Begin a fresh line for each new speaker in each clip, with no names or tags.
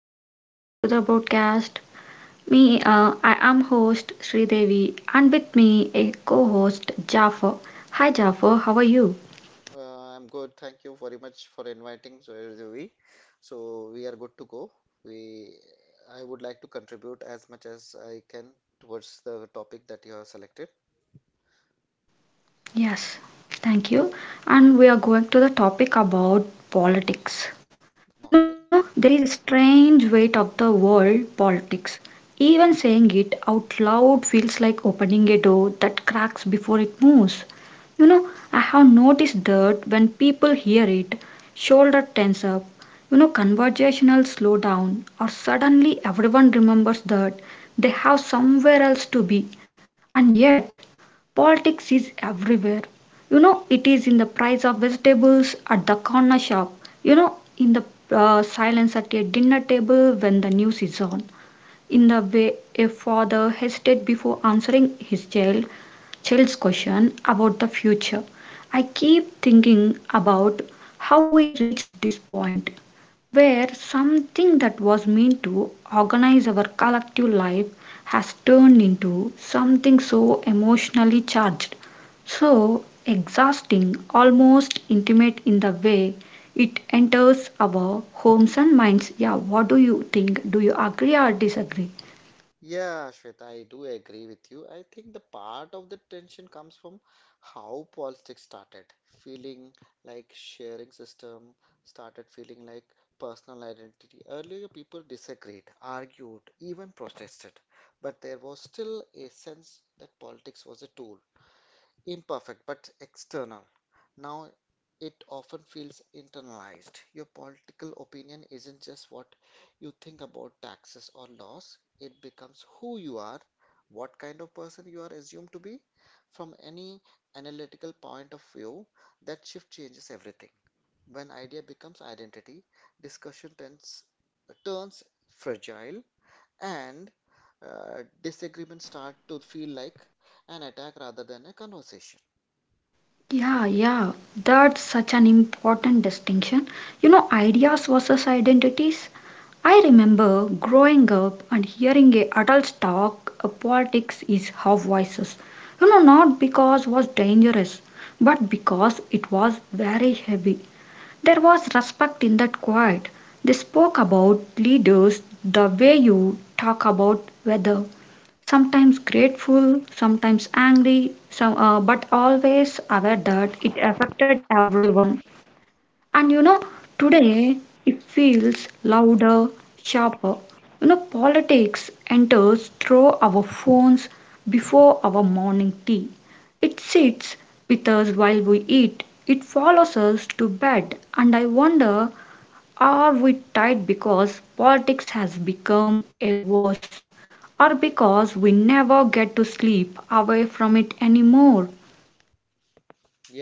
welcome back to the broadcast. Me, I am host Sridevi and with me a co-host Jaffer. Hi Jaffer, how are you?
I'm good. Thank you very much for inviting so Ravi. So we are good to go. We I would like to contribute as much as I can towards the topic that you have selected.
Yes, thank you. And we are going to the topic about politics. You know,
Okay.
there is a strange weight of the world politics. Even saying it out loud feels like opening a door that cracks before it moves. You know, I have noticed that when people hear it, shoulder tense up, you know, conversational slow down, or suddenly everyone remembers that they have somewhere else to be and yet, politics is everywhere. You know, it is in the price of vegetables at the corner shop, you know, in the silence at a dinner table when the news is on, in the way a father hesitated before answering his child's question about the future. I keep thinking about how we reached this point where something that was meant to organize our collective life has turned into something so emotionally charged, so exhausting, almost intimate in the way it enters our homes and minds. Yeah, what do you think? Do you agree or disagree?
Yeah, Shweta, I do agree with you. I think the part of the tension comes from how politics started, feeling like sharing system started feeling like personal identity. Earlier, people disagreed, argued, even protested, but there was still a sense that politics was a tool imperfect but external. Now it often feels internalized. Your political opinion isn't just what you think about taxes or laws, it becomes who you are, what kind of person you are assumed to be. From any analytical point of view, that shift changes everything. When idea becomes identity, discussion tends, turns fragile and disagreements start to feel like an attack rather than a conversation.
Yeah, yeah, that's such an important distinction. You know, ideas versus identities. I remember growing up and hearing a adults talk politics is how voices. You know, not because was dangerous, but because it was very heavy. There was respect in that quiet. They spoke about leaders the way you talk about weather sometimes grateful, sometimes angry, but always aware that it affected everyone. And you know, today it feels louder, sharper. You know, politics enters through our phones before our morning tea. It sits with us while we eat. It follows us to bed. And I wonder are we tied because politics has become a worse, or because we never get to sleep away from it anymore?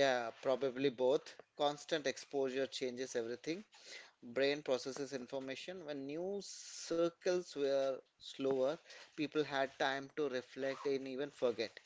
Yeah, probably both. Constant exposure changes everything. Brain processes information. When news circles were slower, people had time to reflect and even forget.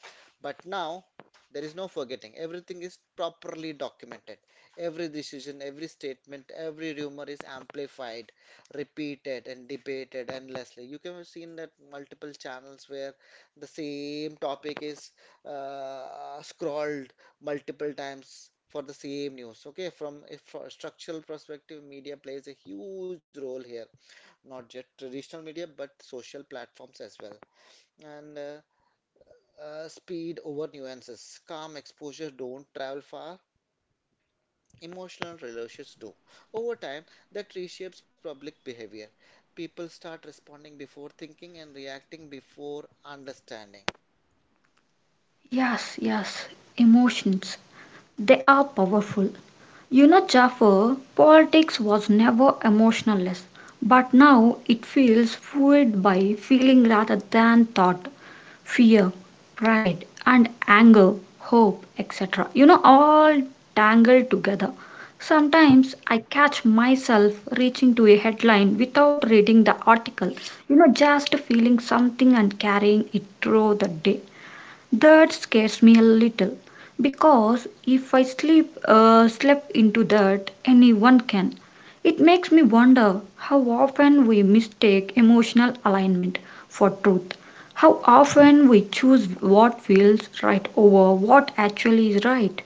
But now, there is no forgetting. Everything is properly documented. Every decision, every statement, every rumor is amplified, repeated, and debated endlessly. You can have seen that multiple channels where the same topic is scrolled multiple times for the same news. Okay, from a for structural perspective, media plays a huge role here, not just traditional media but social platforms as well. And speed over nuances, calm exposure don't travel far, emotional relationships do. Over time, that reshapes public behavior. People start responding before thinking and reacting before understanding.
Yes, yes, emotions. They are powerful. You know, Jaffer, politics was never emotionless, but now it feels fueled by feeling rather than thought, fear, pride, and anger, hope, etc. You know, all tangled together. Sometimes I catch myself reaching to a headline without reading the article, you know, just feeling something and carrying it through the day. That scares me a little, because if I sleep slept into that anyone can. It makes me wonder how often we mistake emotional alignment for truth, how often we choose what feels right over what actually is right.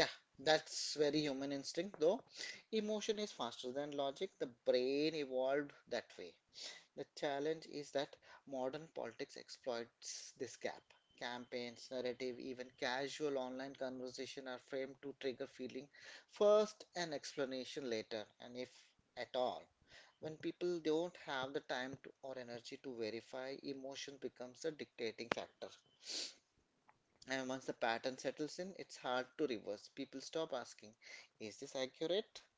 Yeah, that's very human instinct though. Emotion is faster than logic. The brain evolved that way. The challenge is that modern politics exploits this gap. Campaigns, narrative, even casual online conversation are framed to trigger feeling first and explanation later, and if at all. When people don't have the time to, or energy to verify, emotion becomes a dictating factor. And once the pattern settles in, it's hard to reverse. People stop asking, "Is this accurate?"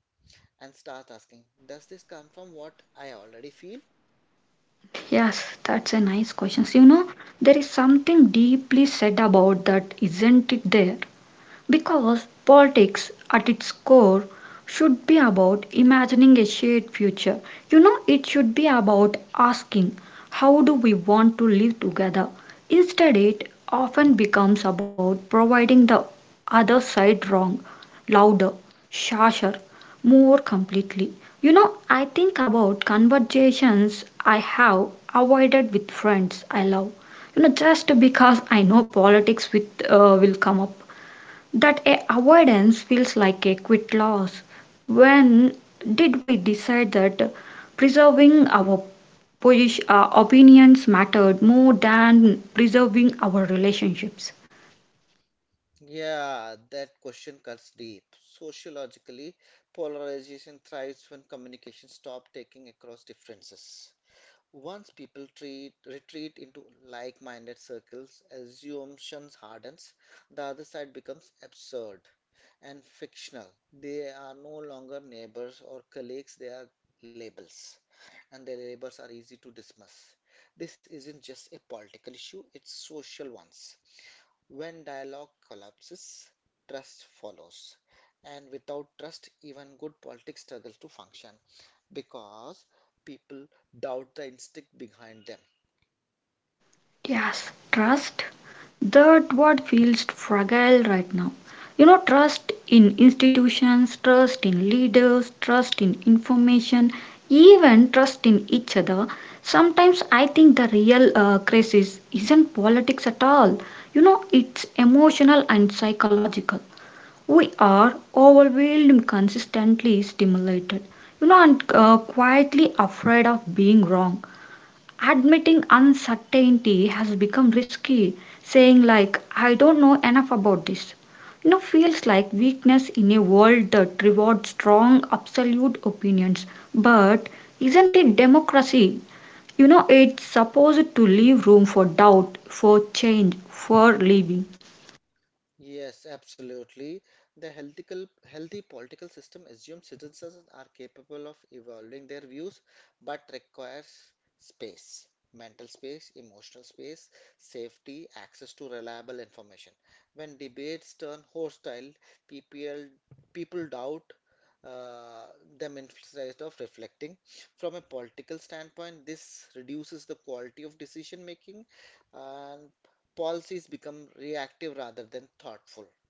and start asking, "Does this come from what I already feel?"
Yes, that's a nice question. You know, there is something deeply said about that, isn't it there? Because politics, at its core, should be about imagining a shared future. You know, it should be about asking, how do we want to live together? Instead, it often becomes about providing the other side wrong, louder, harsher, more completely. You know, I think about conversations I have avoided with friends I love you know just because I know politics with will come up that a avoidance feels like a quit loss. When did we decide that preserving our opinions mattered more than preserving our relationships?
Yeah, that question cuts deep. Sociologically, polarization thrives when communication stops taking across differences. Once people treat, retreat into like minded circles, assumptions hardens, the other side becomes absurd and fictional. They are no longer neighbors or colleagues, they are labels, and their labels are easy to dismiss. This isn't just a political issue, it's social ones. When dialogue collapses, trust follows. And without trust, even good politics struggles to function because people doubt the instinct behind them.
Yes, trust. That what feels fragile right now. You know, trust in institutions, trust in leaders, trust in information, even trust in each other. Sometimes I think the real crisis isn't politics at all. You know, it's emotional and psychological. We are overwhelmed, consistently stimulated. You know, and quietly afraid of being wrong admitting uncertainty has become risky. Saying, like, I don't know enough about this, you know, feels like weakness in a world that rewards strong, absolute opinions. But isn't it democracy? You know, it's supposed to leave room for doubt, for change, for living.
Yes, absolutely. The healthical, healthy political system assumes citizens are capable of evolving their views, but requires space, mental space, emotional space, safety, access to reliable information. When debates turn hostile, people, people doubt uh, them instead of reflecting. From a political standpoint, this reduces the quality of decision making, and policies become reactive rather than thoughtful.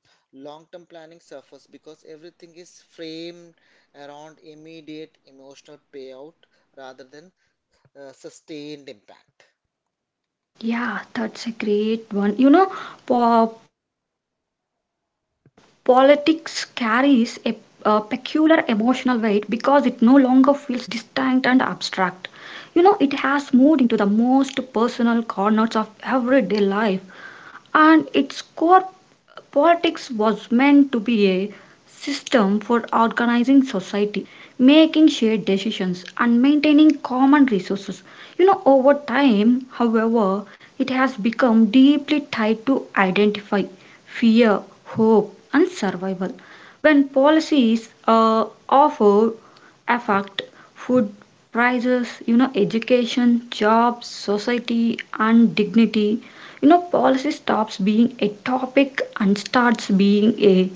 Long term planning suffers because everything is framed around immediate emotional payout rather than sustained impact.
Yeah, that's a great one. Po- politics carries a peculiar emotional weight because it no longer feels distinct and abstract. You know, it has moved into the most personal corners of everyday life and its core politics was meant to be a system for organizing society, making shared decisions, and maintaining common resources. You know, over time, however, it has become deeply tied to identify, fear, hope, and survival. When policies offer affect food prices, you know, education, jobs, society, and dignity, you know policy stops being a topic and starts being a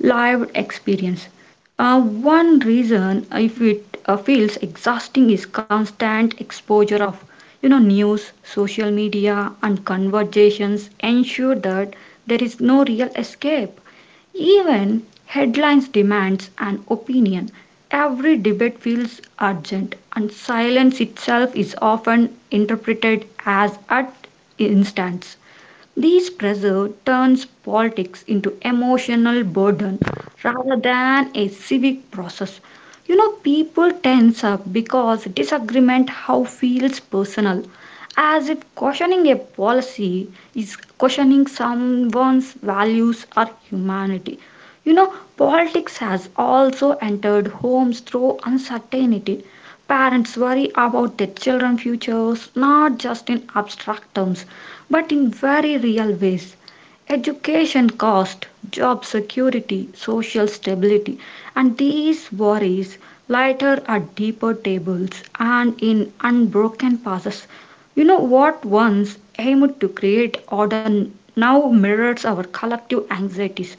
lived experience one reason if it feels exhausting is constant exposure of you know news social media and conversations ensure that there is no real escape even headlines demands an opinion every debate feels urgent and silence itself is often interpreted as at instance these pressure turns politics into emotional burden rather than a civic process. You know, people tense up because disagreement how feels personal, as if questioning a policy is questioning someone's values or humanity. You know, politics has also entered homes through uncertainty. Parents worry about their children's futures, not just in abstract terms, but in very real ways. Education cost, job security, social stability, and these worries lighter at deeper tables and in unbroken passes. You know what once aimed to create order now mirrors our collective anxieties.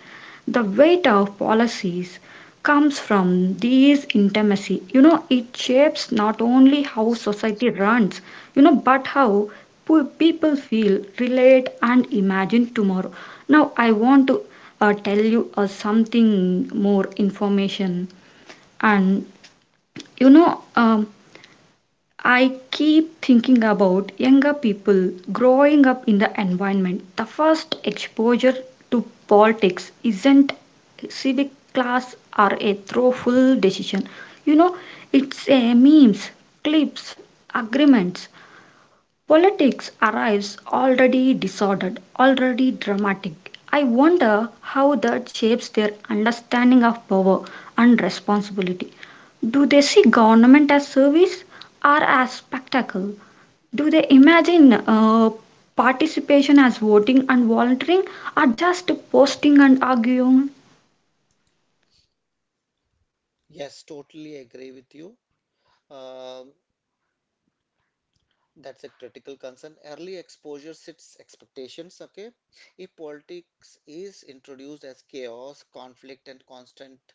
The weight of policies comes from these intimacy. You know, it shapes not only how society runs, you know, but how poor people feel, relate, and imagine tomorrow. Now, I want to tell you something more information. And you know, I keep thinking about younger people growing up in the environment. The first exposure to politics isn't civic class or a thoughtful decision. You know, it's a memes, clips, agreements, politics arrives already disordered, already dramatic. I wonder how that shapes their understanding of power and responsibility. Do they see government as service or as spectacle? Do they imagine participation as voting and volunteering or just posting and arguing?
Yes, totally agree with you. Um That's a critical concern. Early exposure sets expectations. Okay, if politics is introduced as chaos, conflict, and constant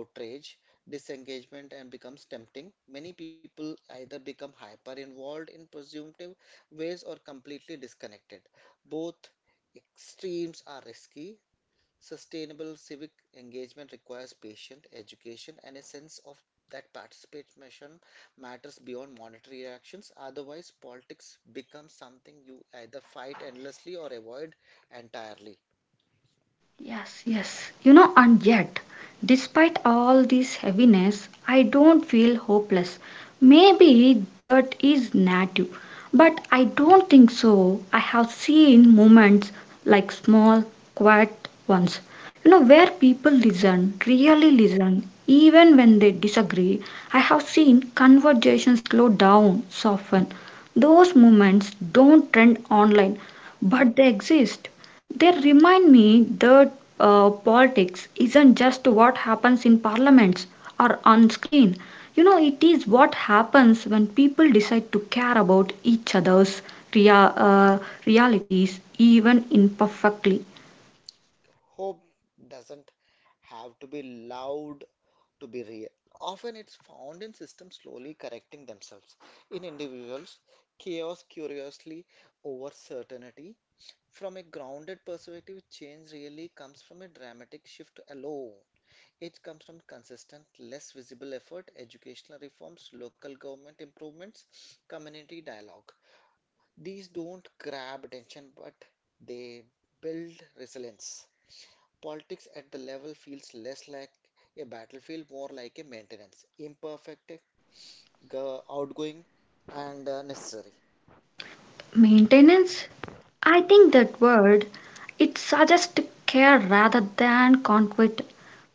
outrage, disengagement, and becomes tempting, many people either become hyper involved in presumptive ways or completely disconnected. Both extremes are risky. Sustainable civic engagement requires patient education and a sense of that participation matters beyond monetary actions. Otherwise, politics becomes something you either fight endlessly or avoid entirely.
Yes, yes. You know, and yet, despite all this heaviness, I don't feel hopeless. Maybe that is native, but I don't think so. I have seen moments like small, quiet ones, you know, where people listen, really listen, even when they disagree. I have seen conversations slow down, soften. Those moments don't trend online, but they exist. They remind me that politics isn't just what happens in parliaments or on screen. You know, it is what happens when people decide to care about each other's rea- uh, realities, even imperfectly.
Hope doesn't have to be loud to be real. Often it's found in systems slowly correcting themselves. In individuals, chaos curiously over certainty. From a grounded perspective, change really comes from a dramatic shift alone. It comes from consistent, less visible effort, educational reforms, local government improvements, community dialogue. These don't grab attention, but they build resilience. Politics at the level feels less like a battlefield, more like a maintenance, imperfect, outgoing, and necessary.
Maintenance? I think that word it suggests care rather than conflict.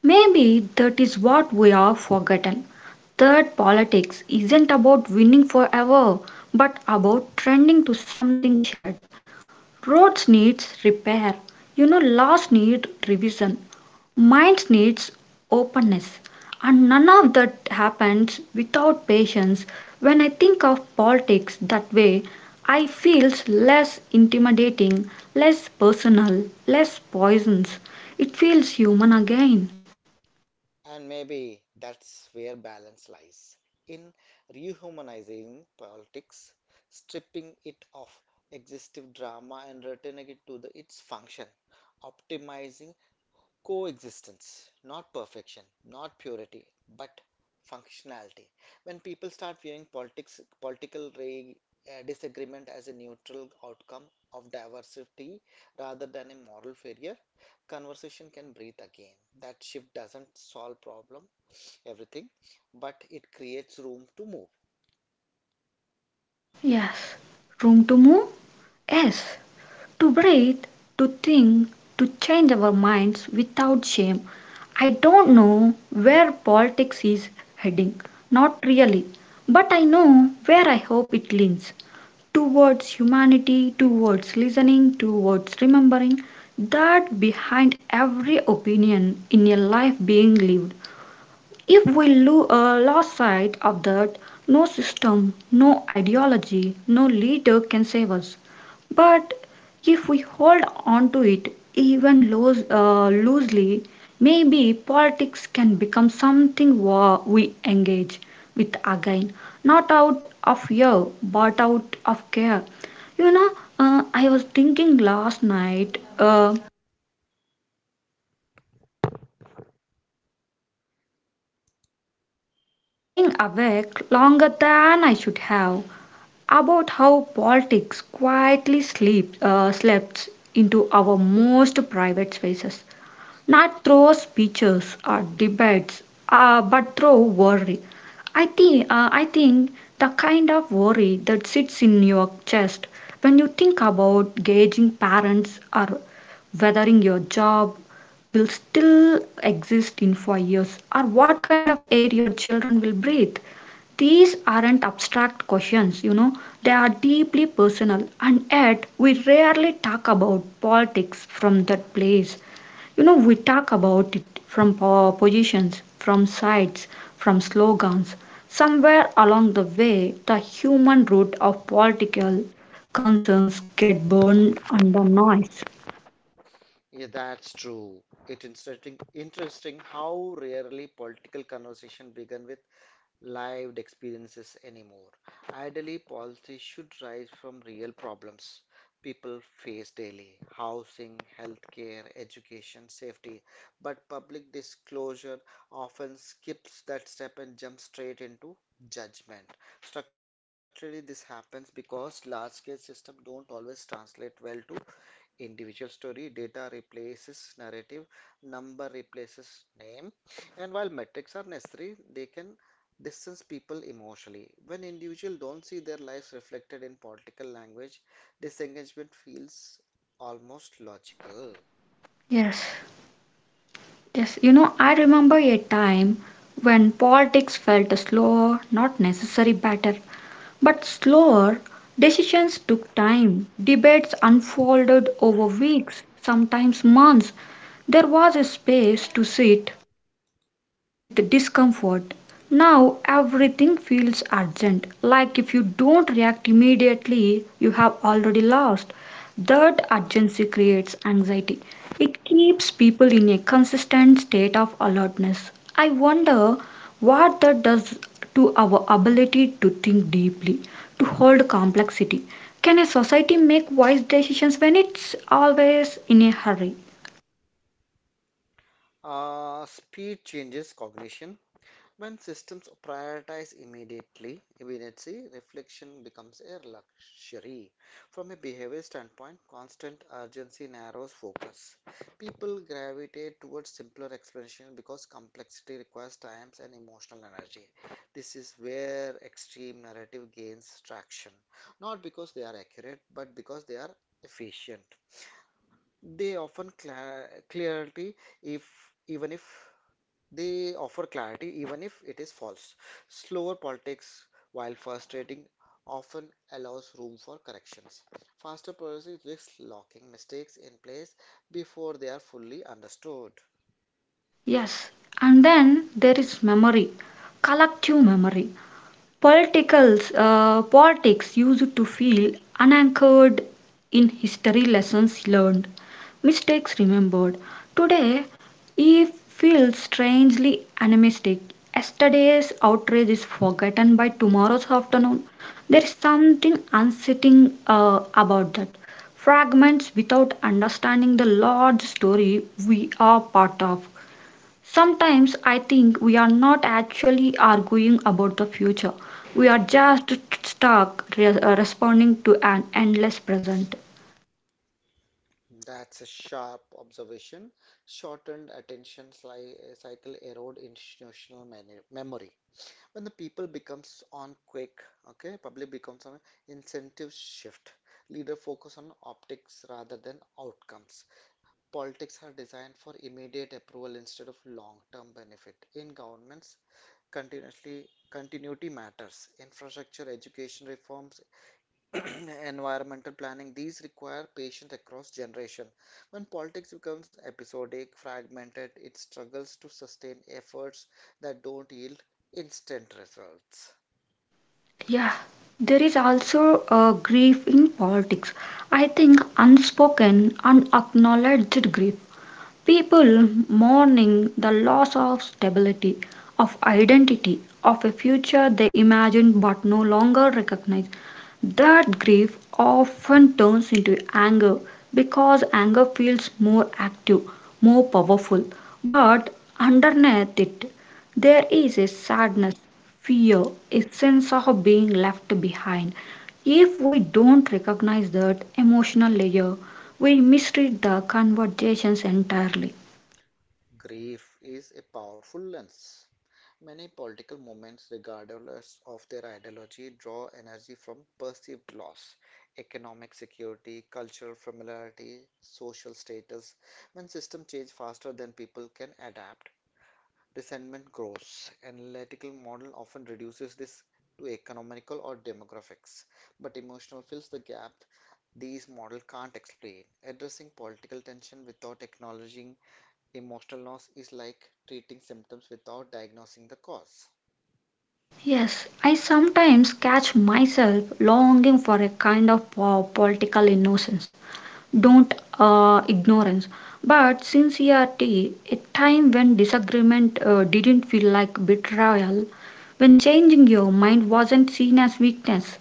Maybe that is what we are forgotten. That politics isn't about winning forever, but about trending to something shared. Roads needs repair. You know, laws need revision. Minds needs openness. And none of that happens without patience. When I think of politics that way, I feels less intimidating, less personal, less poisons. It feels human again.
And maybe that's where balance lies in rehumanizing politics, stripping it of exhaustive drama and returning it to the, its function, optimizing coexistence, not perfection, not purity, but functionality. When people start viewing politics, political re, disagreement as a neutral outcome of diversity rather than a moral failure, conversation can breathe again. That shift doesn't solve problem, everything, but it creates room to move.
Yes. Room to move? Yes. To breathe, to think, to change our minds without shame. I don't know where politics is heading, not really, but I know where I hope it leans towards humanity, towards listening, towards remembering that behind every opinion in a life being lived if we lost sight of that, no system, no ideology, no leader can save us. But if we hold on to it even loosely, maybe politics can become something we engage with again, not out of fear but out of care. You know, I was thinking last night, lying awake longer than I should have about how politics quietly slept into our most private spaces not through speeches or debates, but through worry. I think the kind of worry that sits in your chest when you think about gauging parents or weathering your job will still exist in 5 years or what kind of air your children will breathe. These aren't abstract questions, you know, they are deeply personal, and yet we rarely talk about politics from that place. You know, we talk about it from positions, from sides, from slogans. Somewhere along the way, the human root of political concerns get burned under noise.
Yeah, that's true. Interesting how rarely political conversation begin with lived experiences anymore. Ideally, policy should rise from real problems people face daily housing, healthcare, education, safety. But public disclosure often skips that step and jumps straight into judgment. Structurally, this happens because large scale systems don't always translate well to individual story, data replaces narrative, number replaces name, and while metrics are necessary, they can distance people emotionally. When individuals don't see their lives reflected in political language, disengagement feels almost logical.
Yes, yes. You know, I remember a time when politics felt slower, not necessarily better, but slower. Decisions took time. Debates unfolded over weeks, sometimes months. There was a space to sit, with discomfort. Now everything feels urgent, like if you don't react immediately, you have already lost. That urgency creates anxiety. It keeps people in a consistent state of alertness. I wonder what that does to our ability to think deeply, to hold complexity. Can a society make wise decisions when it's always in a hurry?
Speed changes cognition. When systems prioritize immediately immediacy, reflection becomes a luxury. From a behavior standpoint, constant urgency narrows focus. People gravitate towards simpler explanations because complexity requires time and emotional energy. This is where extreme narrative gains traction, not because they are accurate, but because they are efficient. They often cla clarity if even if they offer clarity even if it is false. Slower politics, while frustrating, often allows room for corrections. Faster policies risk locking mistakes in place before they are fully understood.
Yes, and then there is memory, collective memory. Politics used to feel unanchored in history lessons learned, mistakes remembered. Today, it feels strangely animistic. Yesterday's outrage is forgotten by tomorrow's afternoon. There is something unsettling about that. Fragments without understanding the large story we are part of. Sometimes I think we are not actually arguing about the future, we are just stuck responding to an endless present.
That's a sharp observation. Shortened attention cycle erode institutional memory. When the people becomes on quick, okay, public becomes on incentive shift. Leader focus on optics rather than outcomes. Politics are designed for immediate approval instead of long-term benefit. In governments, continuously continuity matters. Infrastructure, education reforms, environmental planning, these require patience across generations. When politics becomes episodic, fragmented, it struggles to sustain efforts that don't yield instant results.
Yeah, there is also a grief in politics. I think unspoken, unacknowledged grief. People mourning the loss of stability, of identity, of a future they imagined but no longer recognize. That grief often turns into anger because anger feels more active, more powerful. But underneath it, there is a sadness, fear, a sense of being left behind. If we don't recognize that emotional layer, we mistreat the conversations entirely.
Grief is a powerful lens. Many political movements, regardless of their ideology, draw energy from perceived loss, economic security, cultural familiarity, social status. When systems change faster than people can adapt, resentment grows. Analytical model often reduces this to economical or demographics, but emotional fills the gap these models can't explain. Addressing political tension without acknowledging emotional loss is like treating symptoms without diagnosing the cause.
Yes, I sometimes catch myself longing for a kind of political innocence, don't ignorance, but sincerity, a time when disagreement didn't feel like betrayal, when changing your mind wasn't seen as weakness.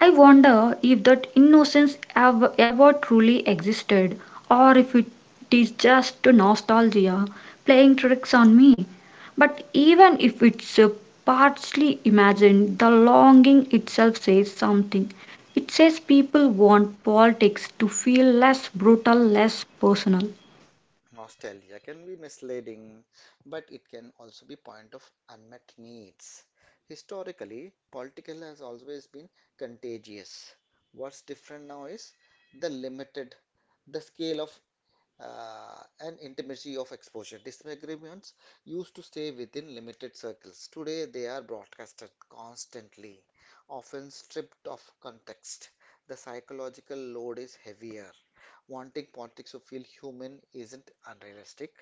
I wonder if that innocence ever truly existed, or if it is just nostalgia playing tricks on me. But even if it's partly imagined, the longing itself says something. It says people want politics to feel less brutal, less personal.
Nostalgia can be misleading, but it can also be point of unmet needs. Historically, political has always been contagious. What's different now is the limited, the scale of and intimacy of exposure. Disagreements used to stay within limited circles. Today, they are broadcasted constantly, often stripped of context. The psychological load is heavier. Wanting politics to feel human isn't unrealistic.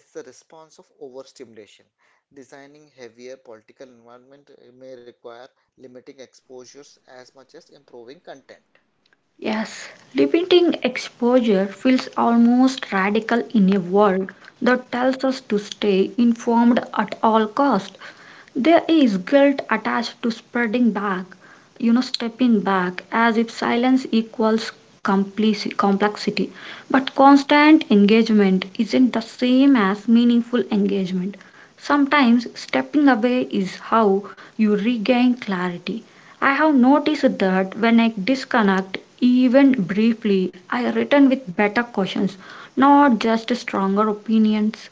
It's the response of overstimulation. Designing heavier political environment may require limiting exposures as much as improving content.
Yes, limiting exposure feels almost radical in a world that tells us to stay informed at all cost. There is guilt attached to spreading back, stepping back, as if silence equals complexity. But constant engagement isn't the same as meaningful engagement. Sometimes stepping away is how you regain clarity. I have noticed that when I disconnect, even briefly, I return with better questions, not just stronger opinions.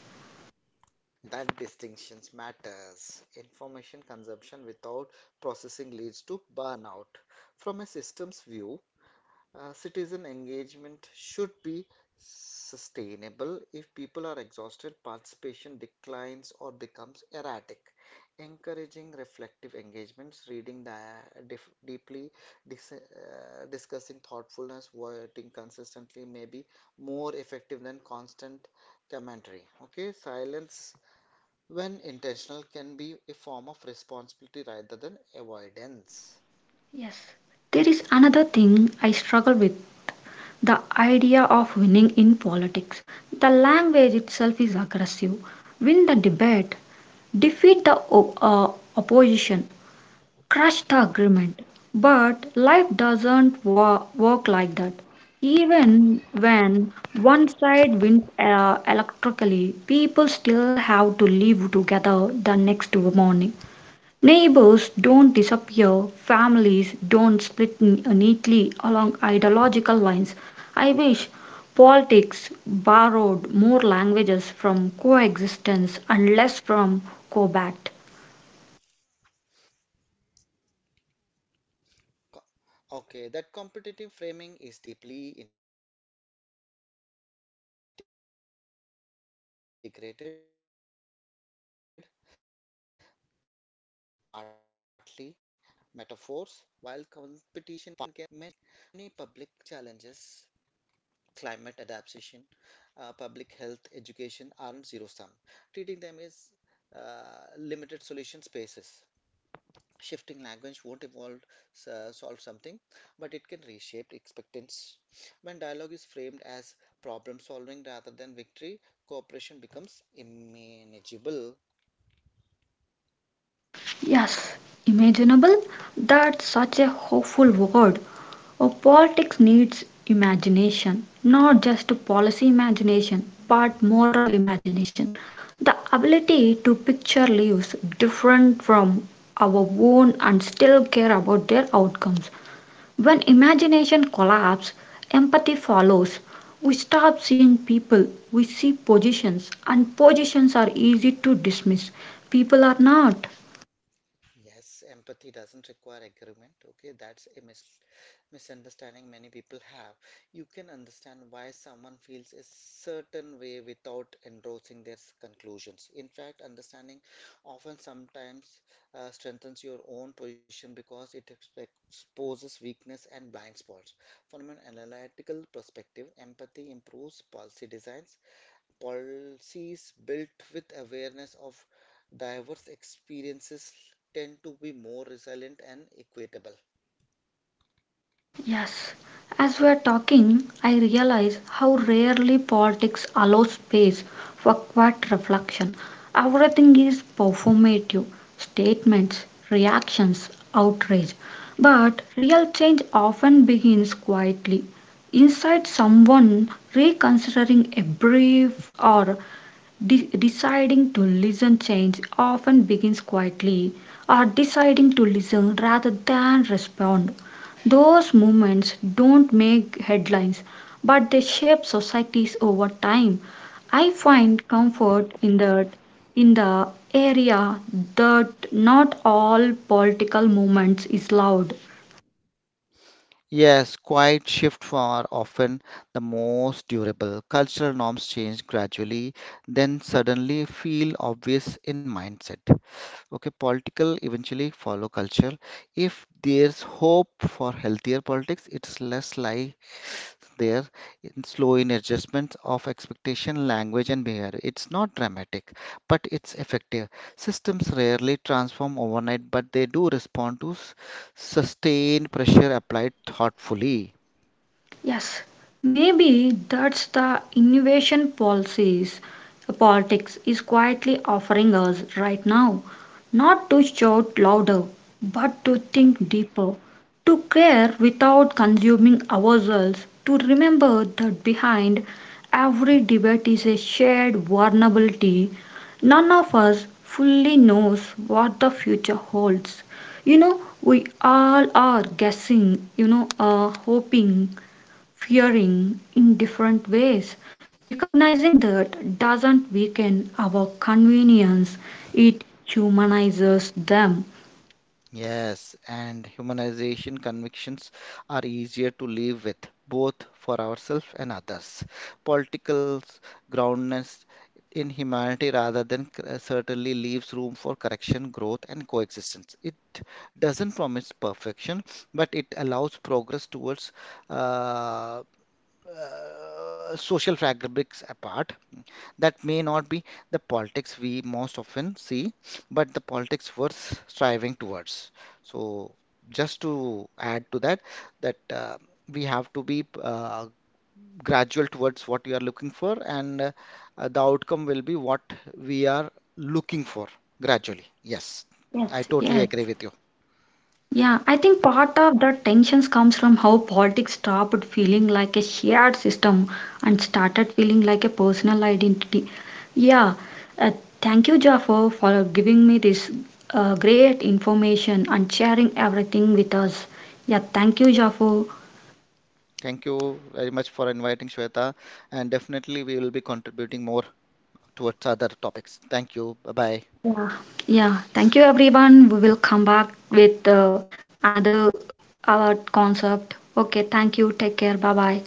That distinctions matters. Information consumption without processing leads to burnout. From a systems view, citizen engagement should be sustainable. If people are exhausted, participation declines or becomes erratic. Encouraging reflective engagements, reading the deeply, discussing thoughtfulness, voting consistently may be more effective than constant commentary. Okay, silence when intentional can be a form of responsibility rather than avoidance.
Yes, there is another thing I struggle with: the idea of winning in politics. The language itself is aggressive. Win the debate, defeat the opposition, crush the agreement. But life doesn't work like that. Even when one side wins electrically, people still have to live together the next morning. Neighbors don't disappear, families don't split neatly along ideological lines. I wish politics borrowed more languages from coexistence and less from combat.
Okay, that competitive framing is deeply integrated, partly because political system often mirror sports, welfare, metaphors, while competition can drive accountability, excessive adversing, framing undermines collaboration. Many public challenges, climate adaptation, public health, education aren't zero sum. Treating them as limited solution spaces. Shifting language won't evolve, solve something, but it can reshape expectance. When dialogue is framed as problem solving rather than victory, cooperation becomes manageable.
Yes, imaginable, that's such a hopeful word. Oh, politics needs imagination, not just policy imagination, but moral imagination. The ability to picture lives different from our own and still care about their outcomes. When imagination collapses, empathy follows. We stop seeing people, we see positions, and positions are easy to dismiss. People are not.
Yes, empathy doesn't require agreement. Okay, that's a misunderstanding many people have. You can understand why someone feels a certain way without endorsing their conclusions. In fact, understanding often sometimes strengthens your own position because it exposes weakness and blind spots. From an analytical perspective, empathy improves policy designs. Policies built with awareness of diverse experiences tend to be more resilient and equitable.
Yes, as we are talking, I realize how rarely politics allows space for quiet reflection. Everything is performative: statements, reactions, outrage. But real change often begins quietly inside someone reconsidering a brief or deciding to listen, change often begins quietly, or deciding to listen rather than respond. Those movements don't make headlines, but they shape societies over time. I find comfort in the area that not all political movements is loud.
Yes, quiet shifts are often the most durable. Cultural norms change gradually, then suddenly feel obvious in mindset. Okay, political eventually follow culture. If there's hope for healthier politics, it's less like there in slow in adjustment of expectation language and behavior. It's not dramatic but it's effective. Systems rarely transform overnight but they do respond to sustained pressure applied thoughtfully.
Yes, maybe that's the innovation policies politics is quietly offering us right now. Not to shout louder, but to think deeper, to care without consuming ourselves, to remember that behind every debate is a shared vulnerability. None of us fully knows what the future holds. You know, we all are guessing, hoping, fearing in different ways. Recognizing that doesn't weaken our convenience, it humanizes them.
Yes, and humanization convictions are easier to live with, both for ourselves and others. Political groundedness in humanity rather than certainly leaves room for correction, growth, and coexistence. It doesn't promise perfection, but it allows progress towards uh, social fabrics apart that may not be the politics we most often see, but the politics worth striving towards. So, just to add to that, that we have to be gradual towards what we are looking for, and the outcome will be what we are looking for gradually. Yes, I
Yes,
totally
yes.
agree with you.
Yeah, I think part of the tensions comes from how politics stopped feeling like a shared system and started feeling like a personal identity. Yeah, uh, thank you, Jafar, for giving me this great information and sharing everything with us. Yeah, thank you, Jafar.
Thank you very much for inviting Shweta, and definitely we will be contributing more towards other topics. Thank you. Bye bye.
Yeah, thank you everyone. We will come back with another our concept. Okay, thank you. Take care. Bye bye.